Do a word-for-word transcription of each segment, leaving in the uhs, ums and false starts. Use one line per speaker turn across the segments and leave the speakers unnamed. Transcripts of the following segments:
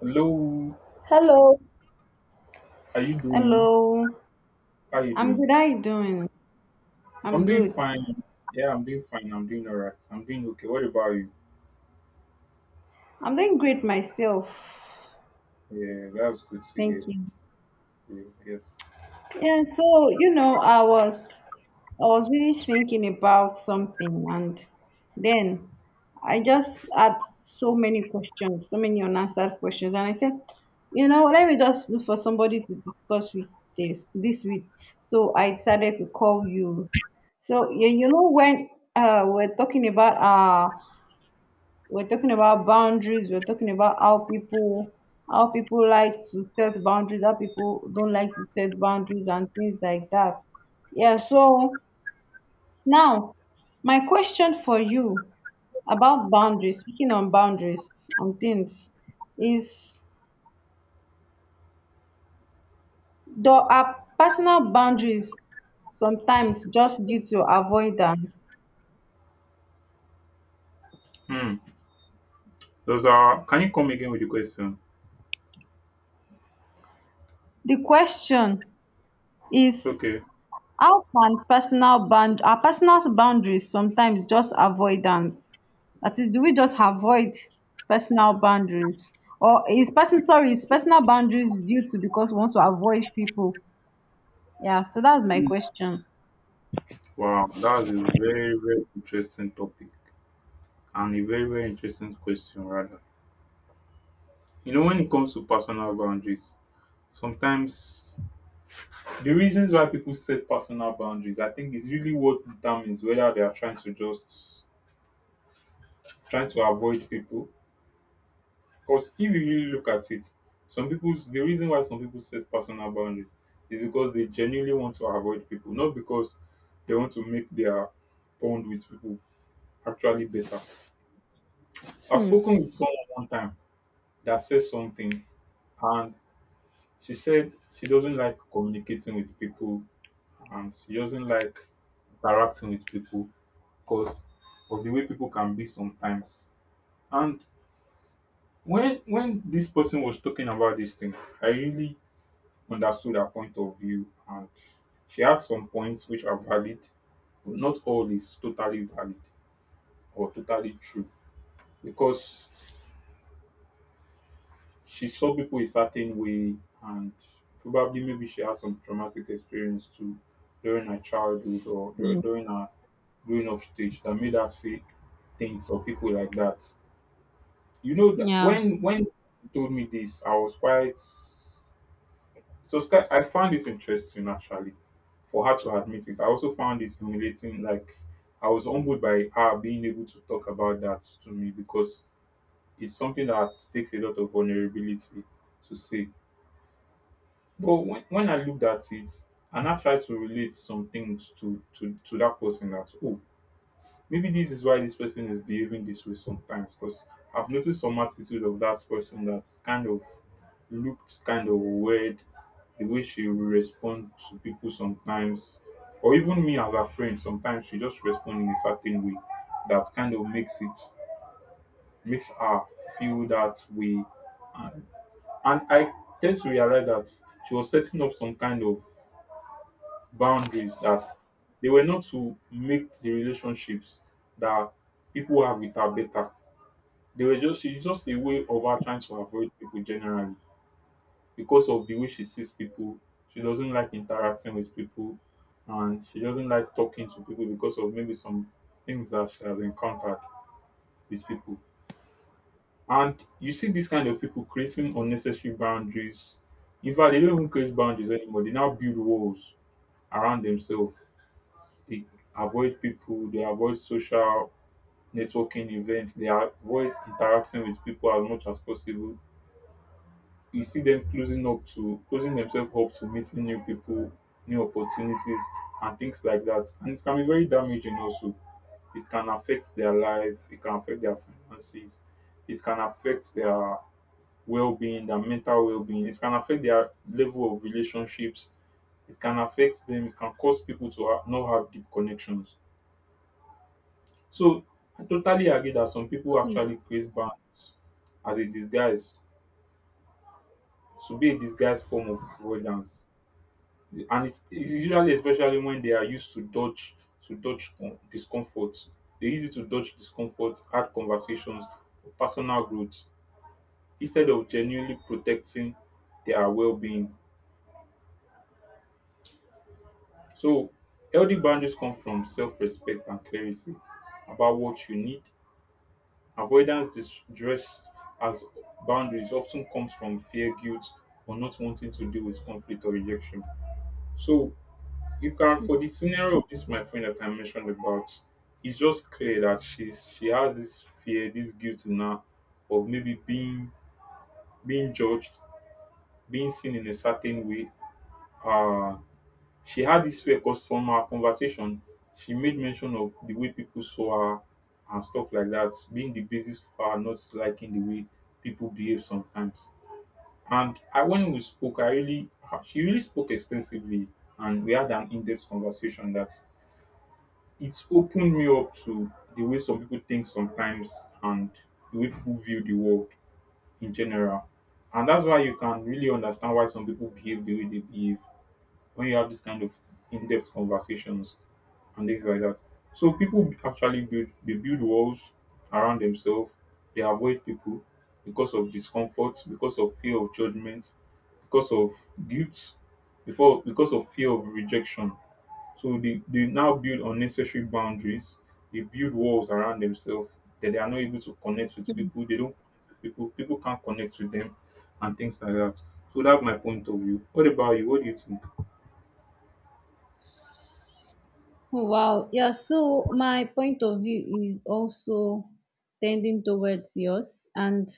Hello,
Hello.
are you doing?
Hello.
How are you
I'm
doing?
good. How you doing?
I'm
I'm
doing
good.
fine. Yeah, I'm doing fine. I'm doing all right. I'm doing okay. What about you?
I'm doing great myself.
Yeah, that's good to
Thank
hear.
you.
Yeah, yes.
Yeah, so you know, I was I was really thinking about something and then I just had so many questions, so many unanswered questions, and I said, you know, let me just look for somebody to discuss with this this with. So I decided to call you. So you, you know when uh we're talking about our We're talking about boundaries. We're talking about how people how people like to set boundaries, how people don't like to set boundaries and things like that. Yeah, so now my question for you about boundaries, speaking on boundaries and things, is do are personal boundaries sometimes just due to avoidance?
Hmm. Those are. Can you come again with the question?
The question is
Okay.
how can personal bound our personal boundaries sometimes just avoidance, that is, do we just avoid personal boundaries, or is person sorry is personal boundaries due to because we want to avoid people? Yeah, so that's my question.
Wow, that was a very very interesting topic and a very very interesting question rather. You know, when it comes to personal boundaries, sometimes the reasons why people set personal boundaries, I think, is really what determines whether they are trying to just trying to avoid people Because if you really look at it, some people, the reason why some people set personal boundaries is because they genuinely want to avoid people, not because they want to make their bond with people actually better. I've
Hmm.
spoken with someone one time that said something, and she said she doesn't like communicating with people, and she doesn't like interacting with people because of the way people can be sometimes. And when when this person was talking about this thing, I really understood her point of view, and she had some points which are valid, but not all is totally valid or totally true because she saw people a certain way, and probably maybe she had some traumatic experience too during her childhood or dur-
Hmm.
during her growing up stage that made her see things or people like that. You know that
Yeah.
when when she told me this, I was quite... So Sky, I found it interesting actually, for her to admit it. I also found it humiliating. Like, I was humbled by her being able to talk about that to me because it's something that takes a lot of vulnerability to say. But when, when I looked at it and I tried to relate some things to to to that person, that oh, maybe this is why this person is behaving this way sometimes, because I've noticed some attitude of that person that kind of looked kind of weird, the way she will respond to people sometimes, or even me as a friend, sometimes she just responds in a certain way that kind of makes it makes her feel that way. And, and I tend to realize that she was setting up some kind of boundaries that they were not to make the relationships that people have with her better. They were just she's just a way of her trying to avoid people generally because of the way she sees people. She doesn't like interacting with people, and she doesn't like talking to people because of maybe some things that she has encountered with people. And you see these kind of people creating unnecessary boundaries. In fact, they don't even create boundaries anymore. They now build walls around themselves, they avoid people, they avoid social networking events, they avoid interacting with people as much as possible. You see them closing up to closing themselves up to meeting new people, new opportunities, and things like that. And it can be very damaging also. It can affect their life, it can affect their finances, it can affect their well being, their mental well being, it can affect their level of relationships, it can affect them, it can cause people to ha- not have deep connections. So I totally agree that some people actually
Hmm.
create bounds as a disguise to be a disguised form of avoidance, and it's, it's usually especially when they are used to dodge to dodge con- discomfort. They use it to dodge discomfort, hard conversations, or personal growth instead of genuinely protecting their well-being. So healthy boundaries come from self-respect and clarity about what you need Avoidance distress as boundaries often comes from fear, guilt, or not wanting to deal with conflict or rejection. So you can, for the scenario of this my friend that I mentioned about, it's just clear that she she has this fear, this guilt in her of maybe being being judged, being seen in a certain way. uh She had this fear cos from our conversation she made mention of the way people saw her and stuff like that, being the basis for her not liking the way people behave sometimes. And I, when we spoke, I really, she really spoke extensively, and we had an in-depth conversation That it's opened me up to the way some people think sometimes, and the way people view the world in general, and that's why you can really understand why some people behave the way they behave when you have this kind of in-depth conversations and things like that. So people actually build they build walls around themselves. They avoid people because of discomfort, because of fear of judgment, because of guilt, before because of fear of rejection. So they, they now build unnecessary boundaries. They build walls around themselves that they are not able to connect with people. They don't connect with people. People can't connect with them, and things like that. So that's my point of view. What about you? What do you think?
Oh, wow. Yeah. So my point of view is also tending towards yours, and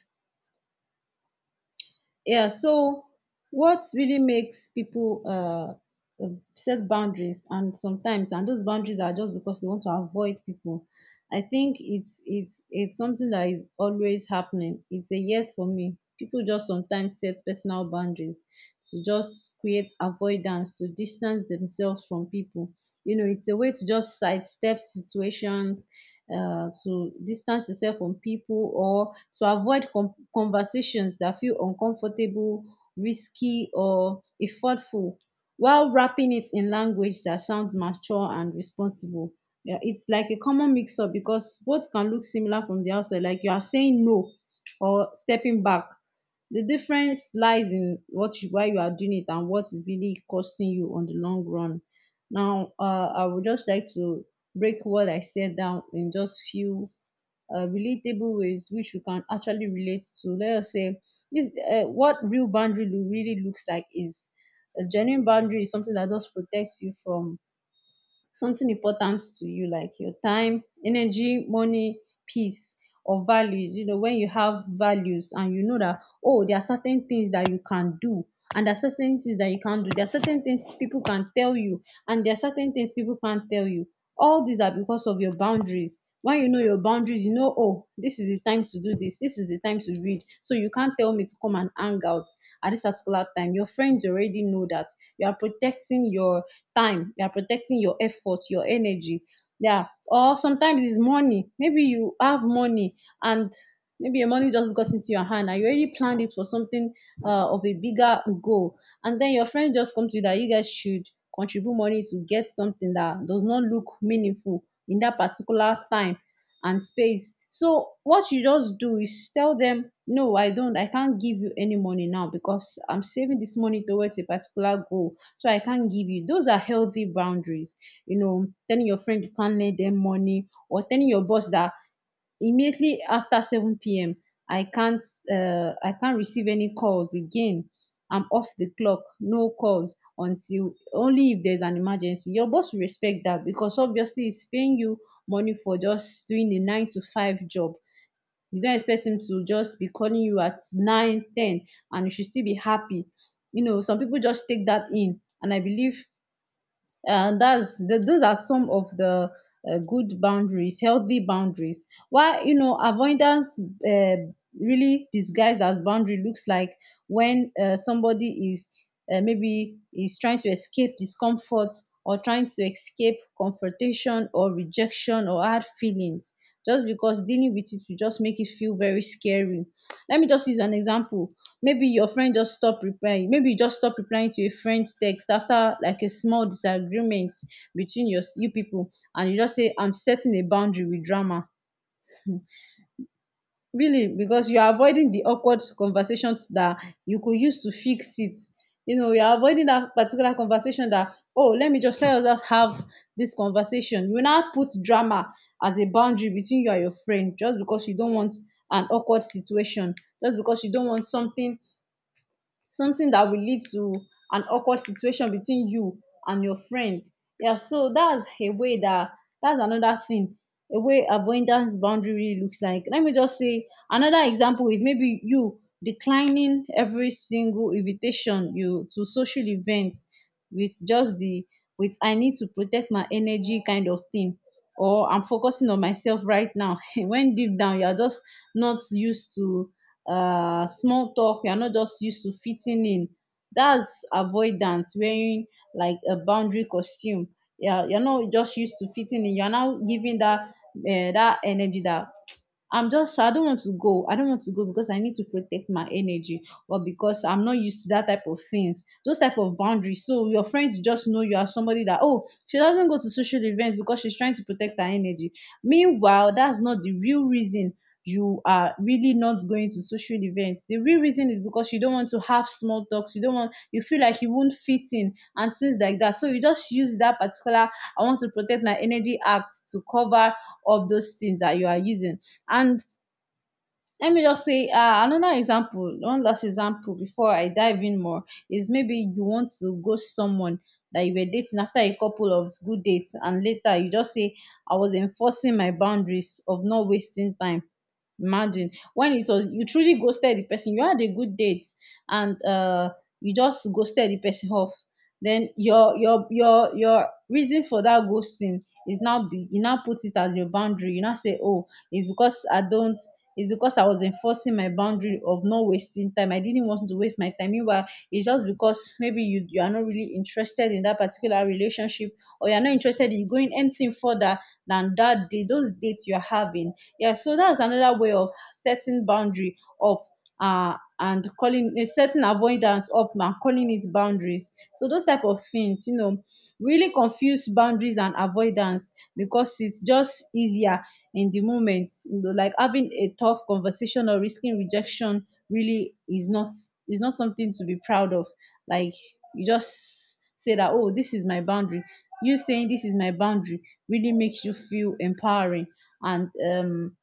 yeah, so what really makes people uh, um, set boundaries, and sometimes, and those boundaries are just because they want to avoid people. I think it's it's it's something that is always happening. It's a yes for me. People just sometimes set personal boundaries to just create avoidance, to distance themselves from people. You know, it's a way to just sidestep situations, uh, to distance yourself from people or to avoid com- conversations that feel uncomfortable, risky, or effortful, while wrapping it in language that sounds mature and responsible. Yeah, it's like a common mix up, because both can look similar from the outside, like you are saying no or stepping back. The difference lies in what you, why you are doing it and what is really costing you on the long run. Now, uh, I would just like to break what I said down in just few uh, relatable ways which you can actually relate to. Let us say this: uh, what real boundary lo- really looks like is a genuine boundary is something that just protects you from something important to you, like your time, energy, money, peace, or values. You know, when you have values and you know that, oh, there are certain things that you can do and there are certain things that you can't do. There are certain things people can tell you and there are certain things people can't tell you. All these are because of your boundaries. When you know your boundaries, you know, oh, this is the time to do this, this is the time to read. So you can't tell me to come and hang out at this particular time. Your friends already know that. You are protecting your time, you are protecting your effort, your energy. Yeah. Or sometimes it's money. Maybe you have money and maybe your money just got into your hand and you already planned it for something uh, of a bigger goal, and then your friend just comes to you that you guys should contribute money to get something that does not look meaningful in that particular time and space. So what you just do is tell them, no, I don't, I can't give you any money now because I'm saving this money towards a particular goal. So I can't give you. Those are healthy boundaries. You know, telling your friend you can't lend them money, or telling your boss that immediately after seven p m I can't uh, I can't receive any calls again, I'm off the clock, no calls until, only if there's an emergency. Your boss will respect that, because obviously he's paying you money for just doing a nine to five job. You don't expect him to just be calling you at nine ten and you should still be happy. You know, some people just take that in, and I believe uh, that's th- those are some of the uh, good boundaries, healthy boundaries. While, you know, avoidance uh, really disguised as boundary looks like when uh, somebody is uh, maybe is trying to escape discomfort, or trying to escape confrontation or rejection or hard feelings, just because dealing with it will just make it feel very scary. Let me just use an example. Maybe your friend just stopped replying. Maybe you just stopped replying to a friend's text after like a small disagreement between your you people, and you just say, "I'm setting a boundary with drama." Really, because you are avoiding the awkward conversations that you could use to fix it. You know, you are avoiding that particular conversation that, oh, let me just let us just have this conversation. You now put drama as a boundary between you and your friend, just because you don't want an awkward situation, just because you don't want something something that will lead to an awkward situation between you and your friend. Yeah, so that's a way that that's another thing, a way avoidance boundary really looks like. Let me just say another example is maybe you declining every single invitation you to social events with just the with I need to protect my energy kind of thing, or I'm focusing on myself right now. When deep down you are just not used to uh, small talk, you are not just used to fitting in. That's avoidance wearing like a boundary costume. Yeah, you're not just used to fitting in, you're now giving that um that energy that I'm just I don't want to go. I don't want to go because I need to protect my energy, or because I'm not used to that type of things. Those type of boundaries. So your friends just know you are somebody that, oh, she doesn't go to social events because she's trying to protect her energy. Meanwhile, that's not the real reason you are really not going to social events. The real reason is because you don't want to have small talks. You don't want You feel like you won't fit in and things like that. So you just use that particular I want to protect my energy act to cover up those things that you are using. And let me just say uh, another example, one last example before I dive in more, is maybe you want to ghost someone that you were dating after a couple of good dates, and later you just say, I was enforcing my boundaries of not wasting time. Imagine when it was you truly ghosted the person, you had a good date, and uh, you just ghosted the person off. Then your your your your reason for that ghosting is now be you now put it as your boundary. You now say, oh, it's because I don't is because I was enforcing my boundary of not wasting time. I didn't want to waste my time. Meanwhile, it's just because maybe you, you are not really interested in that particular relationship, or you're not interested in going anything further than that day, those dates you're having. Yeah, so that's another way of setting boundary up, uh, and calling a setting avoidance up and calling it boundaries. So those type of things, you know, really confuse boundaries and avoidance, because it's just easier in the moment. You know, like having a tough conversation or risking rejection really is not is not something to be proud of. Like, you just say that, oh, this is my boundary. You saying this is my boundary really makes you feel empowering, and um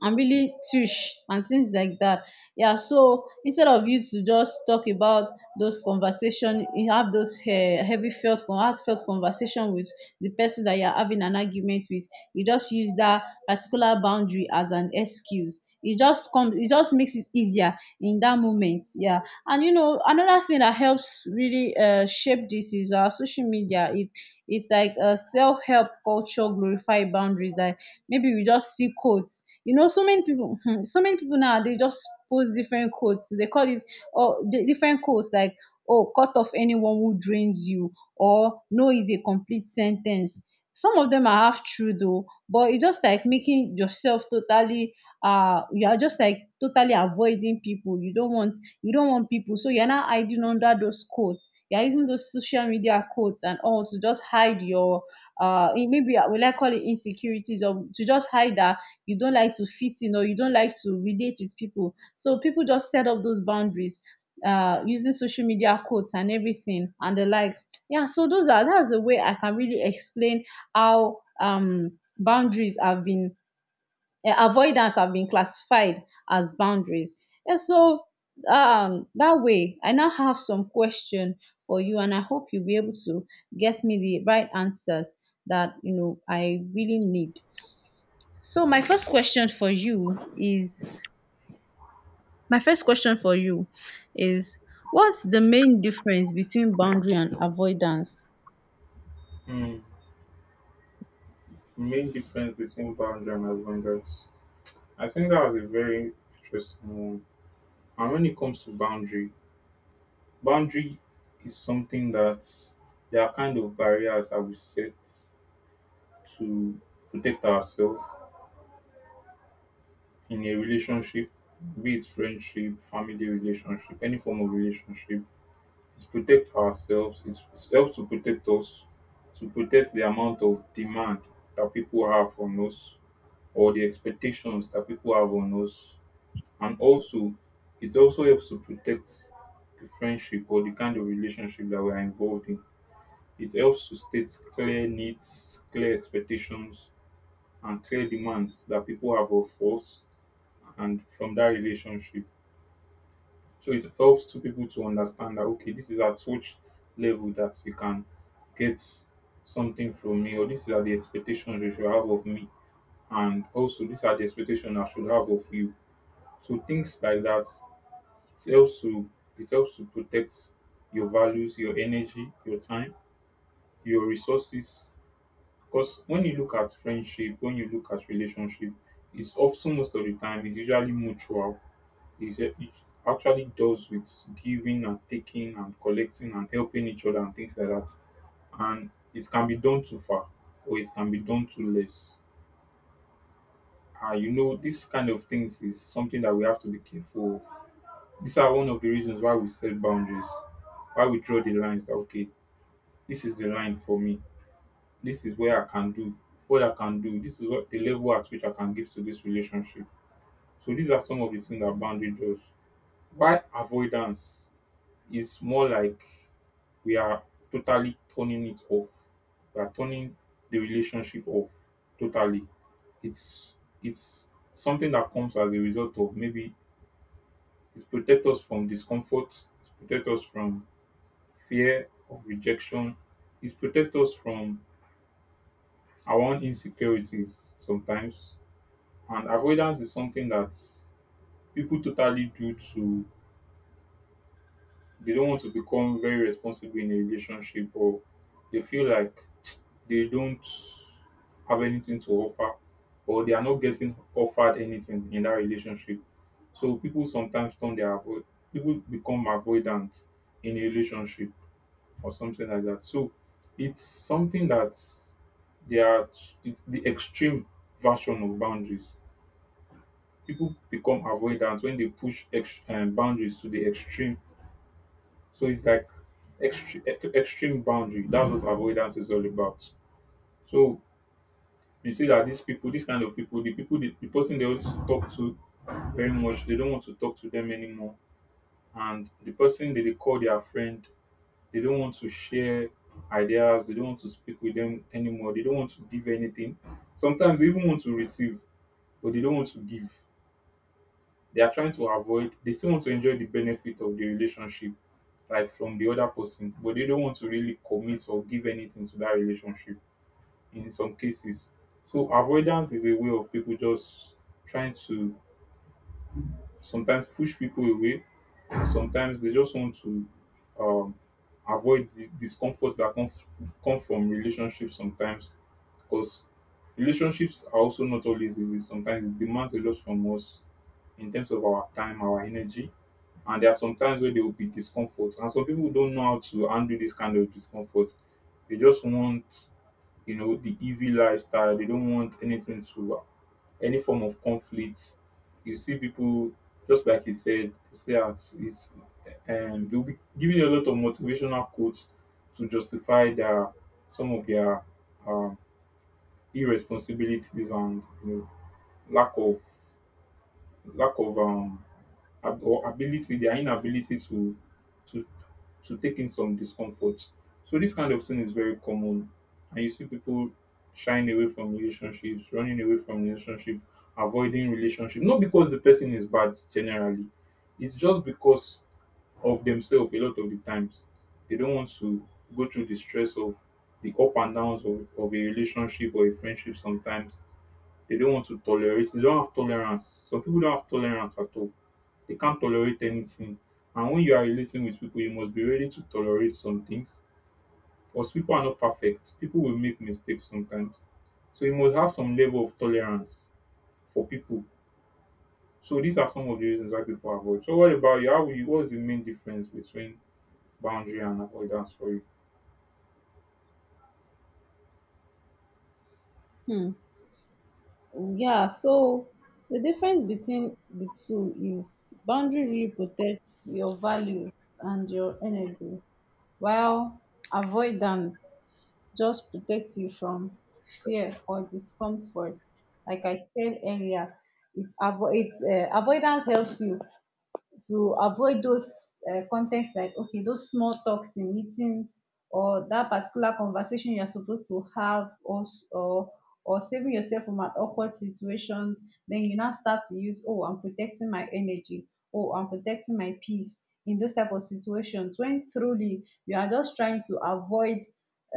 and really teach and things like that. Yeah, so instead of you to just talk about those conversation, you have those uh, heavy felt, heartfelt conversation with the person that you're having an argument with. You just use that particular boundary as an excuse. It just comes, it just makes it easier in that moment. Yeah. And you know, another thing that helps really uh, shape this is our social media. It it's like a self-help culture glorify boundaries that maybe we just see quotes. You know, so many people so many people now they just post different quotes they call it, or di- different quotes like, oh, cut off anyone who drains you, or no is a complete sentence. Some of them are half true though, but it's just like making yourself totally, uh you are just like totally avoiding people. You don't want, you don't want people, so you're not hiding under those quotes, you're using those social media quotes and all to just hide your uh in maybe uh, will I call it insecurities, or to just hide that you don't like to fit in or you don't like to relate with people. So people just set up those boundaries uh using social media quotes and everything and the likes. Yeah, so those are that's the way I can really explain how um boundaries have been Eh, avoidance have been classified as boundaries. And so um, that way, I now have some question for you, and I hope you'll be able to get me the right answers that you know I really need. So my first question for you is my first question for you is what's the main difference between boundary and avoidance?
Hmm. The main difference between boundary and abundance. I think that was a very interesting one. And when it comes to boundary, boundary is something that there are kind of barriers that we set to protect ourselves in a relationship, be it friendship, family relationship, any form of relationship. It's protect ourselves, it's, it helps to protect us, to protect the amount of demand that people have on us or the expectations that people have on us, and also it also helps to protect the friendship or the kind of relationship that we are involved in. It helps to state clear needs, clear expectations, and clear demands that people have of us and from that relationship. So it helps two people to understand that okay, this is at which level that you can get something from me, or this are the expectations you should have of me, and also these are the expectations I should have of you. So things like that. It helps to it helps to protect your values, your energy, your time, your resources. Because when you look at friendship, when you look at relationship, it's often most of the time it's usually mutual. It's, it actually does with giving and taking and collecting and helping each other and things like that. And it can be done too far or it can be done too less. Uh, you know, this kind of things is something that we have to be careful of. These are one of the reasons why we set boundaries, where we draw the lines that okay, this is the line for me, this is where I can do what I can do, this is what the level at which I can give to this relationship. So these are some of the things that boundary does, why avoidance is more like we are totally turning it off, we are turning the relationship off totally. It's it's something that comes as a result of maybe it's protect us from discomfort, it's protect us from fear of rejection. It protects us from our own insecurities sometimes. And avoidance is something that people totally do to they don't want to become very responsible in a relationship, or they feel like they don't have anything to offer or they are not getting offered anything in that relationship. So people sometimes turn their avo- people become avoidant in a relationship or something like that. So it's something that They are it's the extreme version of boundaries. People become avoidant when they push ex- um, boundaries to the extreme. So it's like extreme extreme boundary. That's what avoidance is all about. So you see that these people, these kind of people, the people, the, the person they always talk to very much, they don't want to talk to them anymore. And the person that they call their friend, they don't want to share ideas. They don't want to speak with them anymore. They don't want to give anything. Sometimes they even want to receive, but they don't want to give. They are trying to avoid. They still want to enjoy the benefit of the relationship like from the other person, but they don't want to really commit or give anything to that relationship in some cases. So avoidance is a way of people just trying to sometimes push people away. Sometimes they just want to um, avoid the discomforts that come, f- come from relationships sometimes, because relationships are also not always easy. Sometimes it demands a lot from us in terms of our time, our energy. And there are some times where there will be discomfort and some people don't know how to handle this kind of discomfort. They just want, you know, the easy lifestyle. They don't want anything to, any form of conflict. You see people, just like you said, you see as it's, and they'll be giving you a lot of motivational quotes to justify their, some of their um irresponsibilities and, you know, lack of, lack of um ab- or ability, their inability to to to take in some discomfort. So this kind of thing is very common, and you see people shying away from relationships, running away from relationship, avoiding relationship. Not because the person is bad generally, it's just because of themselves. A lot of the times, they don't want to go through the stress of the up and downs of, of a relationship or a friendship. Sometimes they don't want to tolerate. They don't have tolerance. Some people don't have tolerance at all. They can't tolerate anything. And when you are relating with people, you must be ready to tolerate some things. Because people are not perfect. People will make mistakes sometimes. So you must have some level of tolerance for people. So these are some of the reasons why people avoid. So what about you? How will you What's the main difference between boundary and avoidance for you?
Hmm. Yeah, so the difference between the two is boundary really protects your values and your energy, while avoidance just protects you from fear or discomfort. Like I said earlier, it's avo- it's uh, avoidance helps you to avoid those uh, contexts, like okay, those small talks in meetings or that particular conversation you're supposed to have or or, or saving yourself from an awkward situations, then you now start to use, oh, I'm protecting my energy, oh, I'm protecting my peace in those type of situations when truly you are just trying to avoid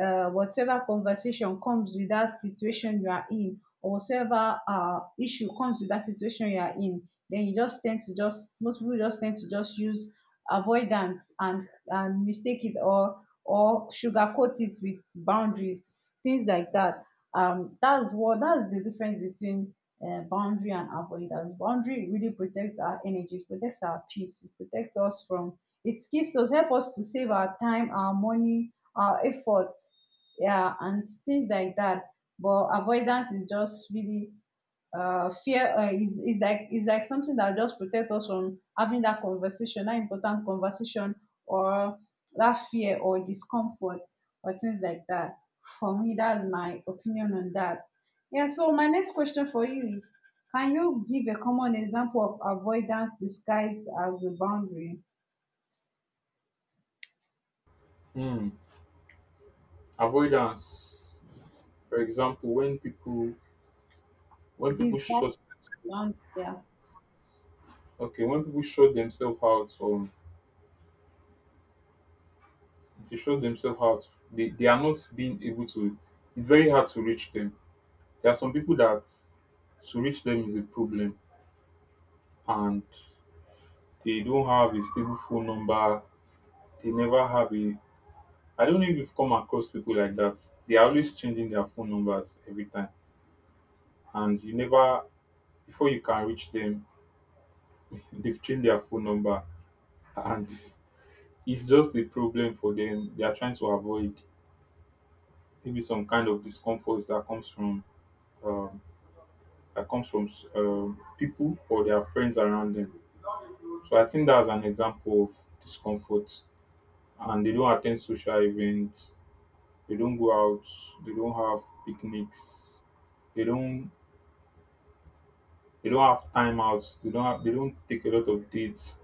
uh, whatever conversation comes with that situation you are in, or whatever uh, issue comes with that situation you are in. Then you just tend to just, most people just tend to just use avoidance and and mistake it or or sugarcoat it with boundaries, things like that. Um that's what, that's the difference between uh, boundary and avoidance. Boundary really protects our energies, protects our peace, it protects us from, it keeps us, help us to save our time, our money, our efforts, yeah, and things like that. But avoidance is just really uh, fear uh, is, is like is like something that just protect us from having that conversation, that important conversation, or that fear or discomfort or things like that. For me, that's my opinion on that. Yeah. So my next question for you is: can you give a common example of avoidance disguised as a boundary?
Hmm. Avoidance, for example, when people, when people
Disguised
shut themselves
boundary. Yeah.
okay, when people shut themselves out, or they shut themselves out. They they are not being able to. It's very hard to reach them. There are some people that to reach them is a problem, and they don't have a stable phone number. They never have a. I don't know if you've come across people like that. They are always changing their phone numbers every time, and you never, before you can reach them, they've changed their phone number, and it's just a problem for them. They are trying to avoid maybe some kind of discomfort that comes from. Um, that comes from um, people or their friends around them. So I think that's an example of discomfort. And they don't attend social events, they don't go out, they don't have picnics, they don't, they don't have time out, they don't have, they don't take a lot of dates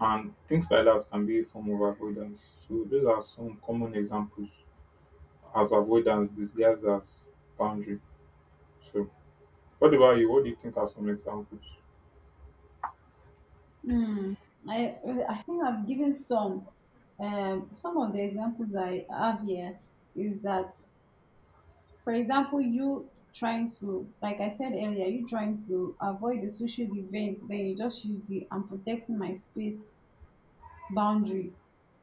and things like that can be a form of avoidance. So those are some common examples as avoidance disguised as boundary. So what about you? What do you think are some examples?
Hmm. I I think I've given some, um, some of the examples I have here is that, for example, you trying to, like I said earlier, you trying to avoid the social events, then you just use the I'm protecting my space boundary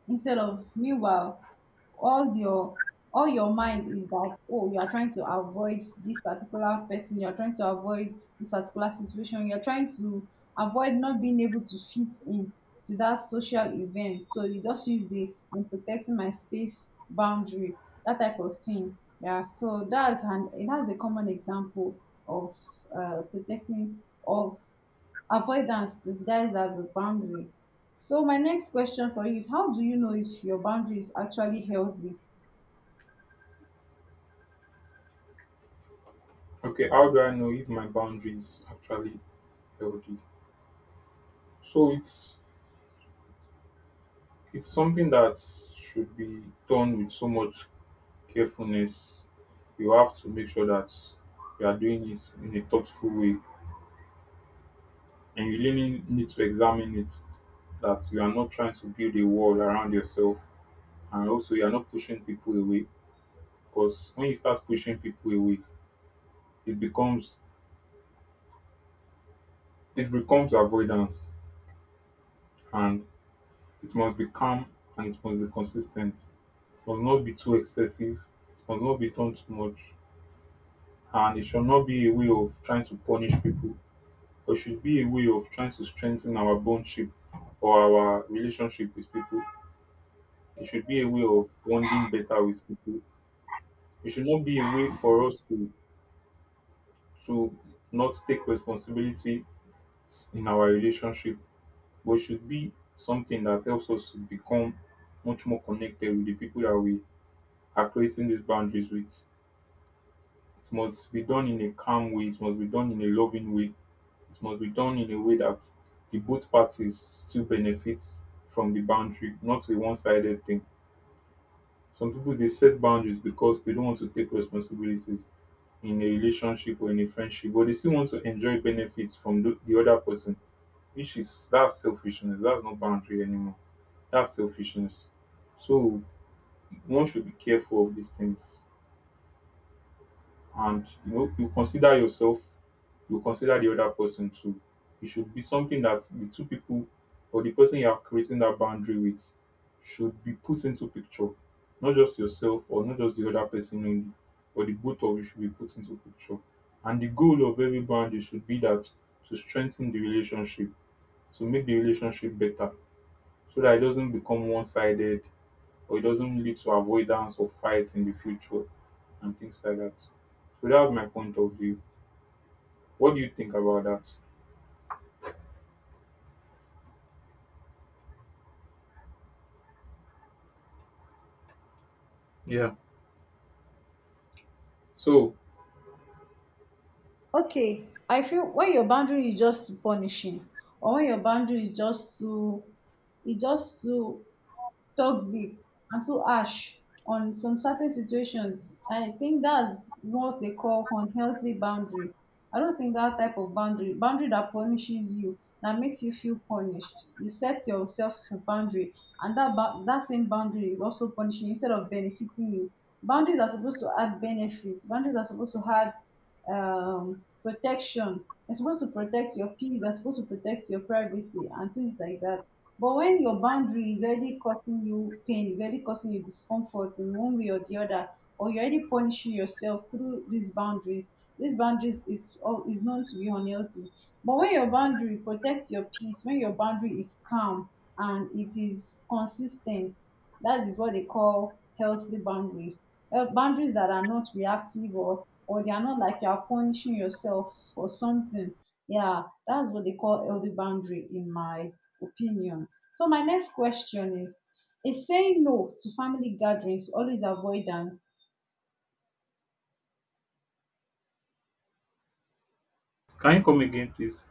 instead of, meanwhile, all your all your mind is that, oh, you are trying to avoid this particular person, you're trying to avoid this particular situation, you're trying to avoid not being able to fit in to that social event, so you just use the I'm protecting my space boundary, that type of thing. Yeah, so that's an, that's a common example of uh, protecting of avoidance disguised as a boundary. So my next question for you is, how do you know if your boundary is actually healthy?
Okay, how do I know if my boundary is actually healthy? So it's it's something that should be done with so much carefulness. You have to make sure that you are doing it in a thoughtful way, and you really need to examine it. That you are not trying to build a wall around yourself, and also you are not pushing people away. Because when you start pushing people away, it becomes, it becomes avoidance, and it must be calm and it must be consistent. It must not be too excessive. It must not be done too much. And it should not be a way of trying to punish people, but should be a way of trying to strengthen our bondship or our relationship with people. It should be a way of bonding better with people. It should not be a way for us to to not take responsibility in our relationship, but it should be something that helps us to become much more connected with the people that we are creating these boundaries with. It must be done in a calm way. It must be done in a loving way. It must be done in a way that the both parties still benefit from the boundary, not a one-sided thing. Some people they set boundaries because they don't want to take responsibilities in a relationship or in a friendship, but they still want to enjoy benefits from the, the other person, which is, that's selfishness. That's not boundary anymore. That's selfishness. So one should be careful of these things. And you know, you consider yourself, you consider the other person too. It should be something that the two people, or the person you are creating that boundary with, should be put into picture. Not just yourself or not just the other person only, but the both of you should be put into picture. And the goal of every boundary should be that, to strengthen the relationship, to make the relationship better, so that it doesn't become one-sided or it doesn't lead to avoidance or fights in the future and things like that. So that's my point of view. What do you think about that? Yeah. So,
Okay, I feel when your boundary is just too punishing, or when your boundary is just too, it just too toxic and too harsh on some certain situations. I think that's what they call unhealthy boundary. I don't think that type of boundary, boundary that punishes you, that makes you feel punished. You set yourself a boundary, and that ba- that same boundary is also punishing you instead of benefiting you. Boundaries are supposed to add benefits. Boundaries are supposed to add um, protection. They're supposed to protect your peace. They're supposed to protect your privacy and things like that. But when your boundary is already causing you pain, is already causing you discomfort in one way or the other, or you're already punishing yourself through these boundaries, these boundaries is all is known to be unhealthy. But when your boundary protects your peace, when your boundary is calm and it is consistent, that is what they call healthy boundary. Health boundaries that are not reactive, or or they are not like you are punishing yourself for something. Yeah, that's what they call healthy boundary in my opinion. So my next question is: is saying no to family gatherings always avoidance?
can you come again, please?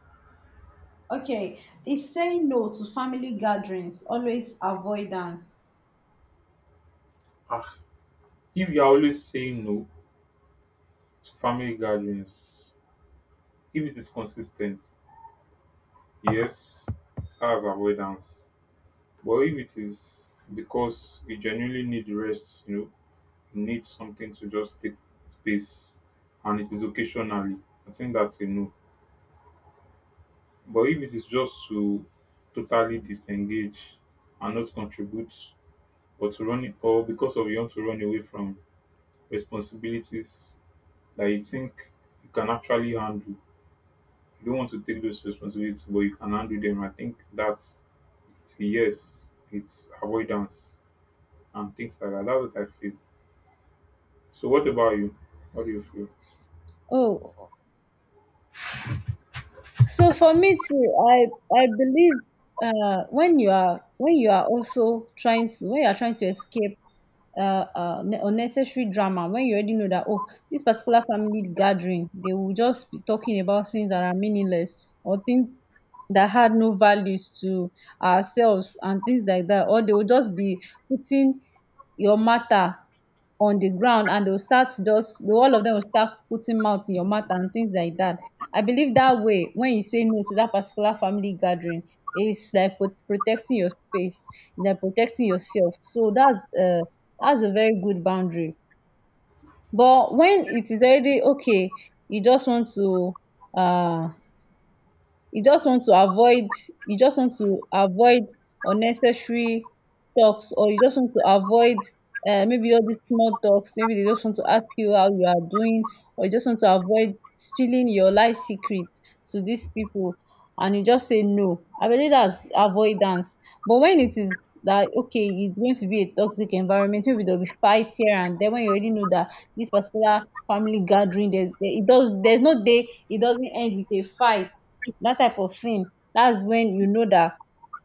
Okay, is saying no to family gatherings always avoidance?
Ah, if you're always saying no to family gatherings, if it is consistent, yes, that's avoidance. But if it is because you genuinely need rest, you know, you need something to just take space, and it is occasionally, I think that's a no. But if it is just to totally disengage and not contribute, or to run it, or because of you want to run away from responsibilities that you think you can actually handle. You don't want to take those responsibilities, but you can handle them. I think that's, it's a yes, it's avoidance and things like that. That's what I feel. So, what about you? What do you feel?
Oh, so for me too, I I believe uh when you are, when you are also trying to, when you are trying to escape uh, uh, ne- unnecessary drama, when you already know that, oh, this particular family gathering they will just be talking about things that are meaningless, or things that had no values to ourselves and things like that, or they will just be putting your matter on the ground, and they'll start just, the all of them will start putting mouth in your mouth and things like that. I believe that way, when you say no to that particular family gathering is like pro- protecting your space, like protecting yourself. So that's uh that's a very good boundary. But when it is already okay, you just want to uh you just want to avoid, you just want to avoid unnecessary talks, or you just want to avoid, um maybe all these small talks, maybe they just want to ask you how you are doing, or you just want to avoid spilling your life secret to these people, and you just say no. I believe that's avoidance. But when it is that okay, it's going to be a toxic environment, maybe there'll be fights here and then, when you already know that this particular family gathering there's there- it does there's no day it doesn't end with a fight, that type of thing. That's when you know that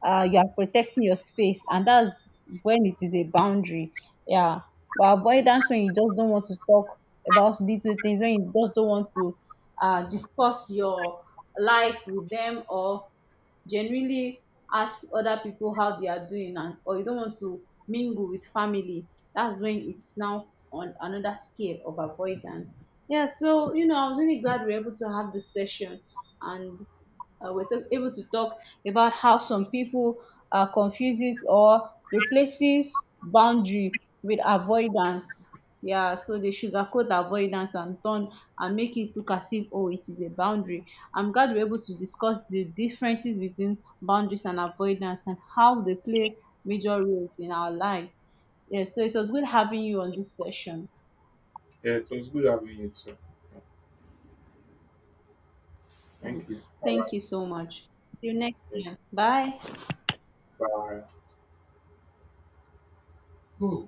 uh, you are protecting your space, and that's when it is a boundary. Yeah. But avoidance, when you just don't want to talk about little things, when you just don't want to uh, discuss your life with them or genuinely ask other people how they are doing, and or you don't want to mingle with family, that's when it's now on another scale of avoidance. Yeah, so you know I was really glad we are able to have this session, and uh, we're ta- able to talk about how some people uh, confuses or replaces boundary with avoidance. Yeah, so they sugarcoat avoidance and turn and make it look as if, oh, it is a boundary. I'm glad we're able to discuss the differences between boundaries and avoidance and how they play major roles in our lives. Yeah, so it was good having you on this session.
Yeah, it was good having you too. Thank you.
Thank
All
you so much. See you next
right.
time. Bye.
Bye. Whew.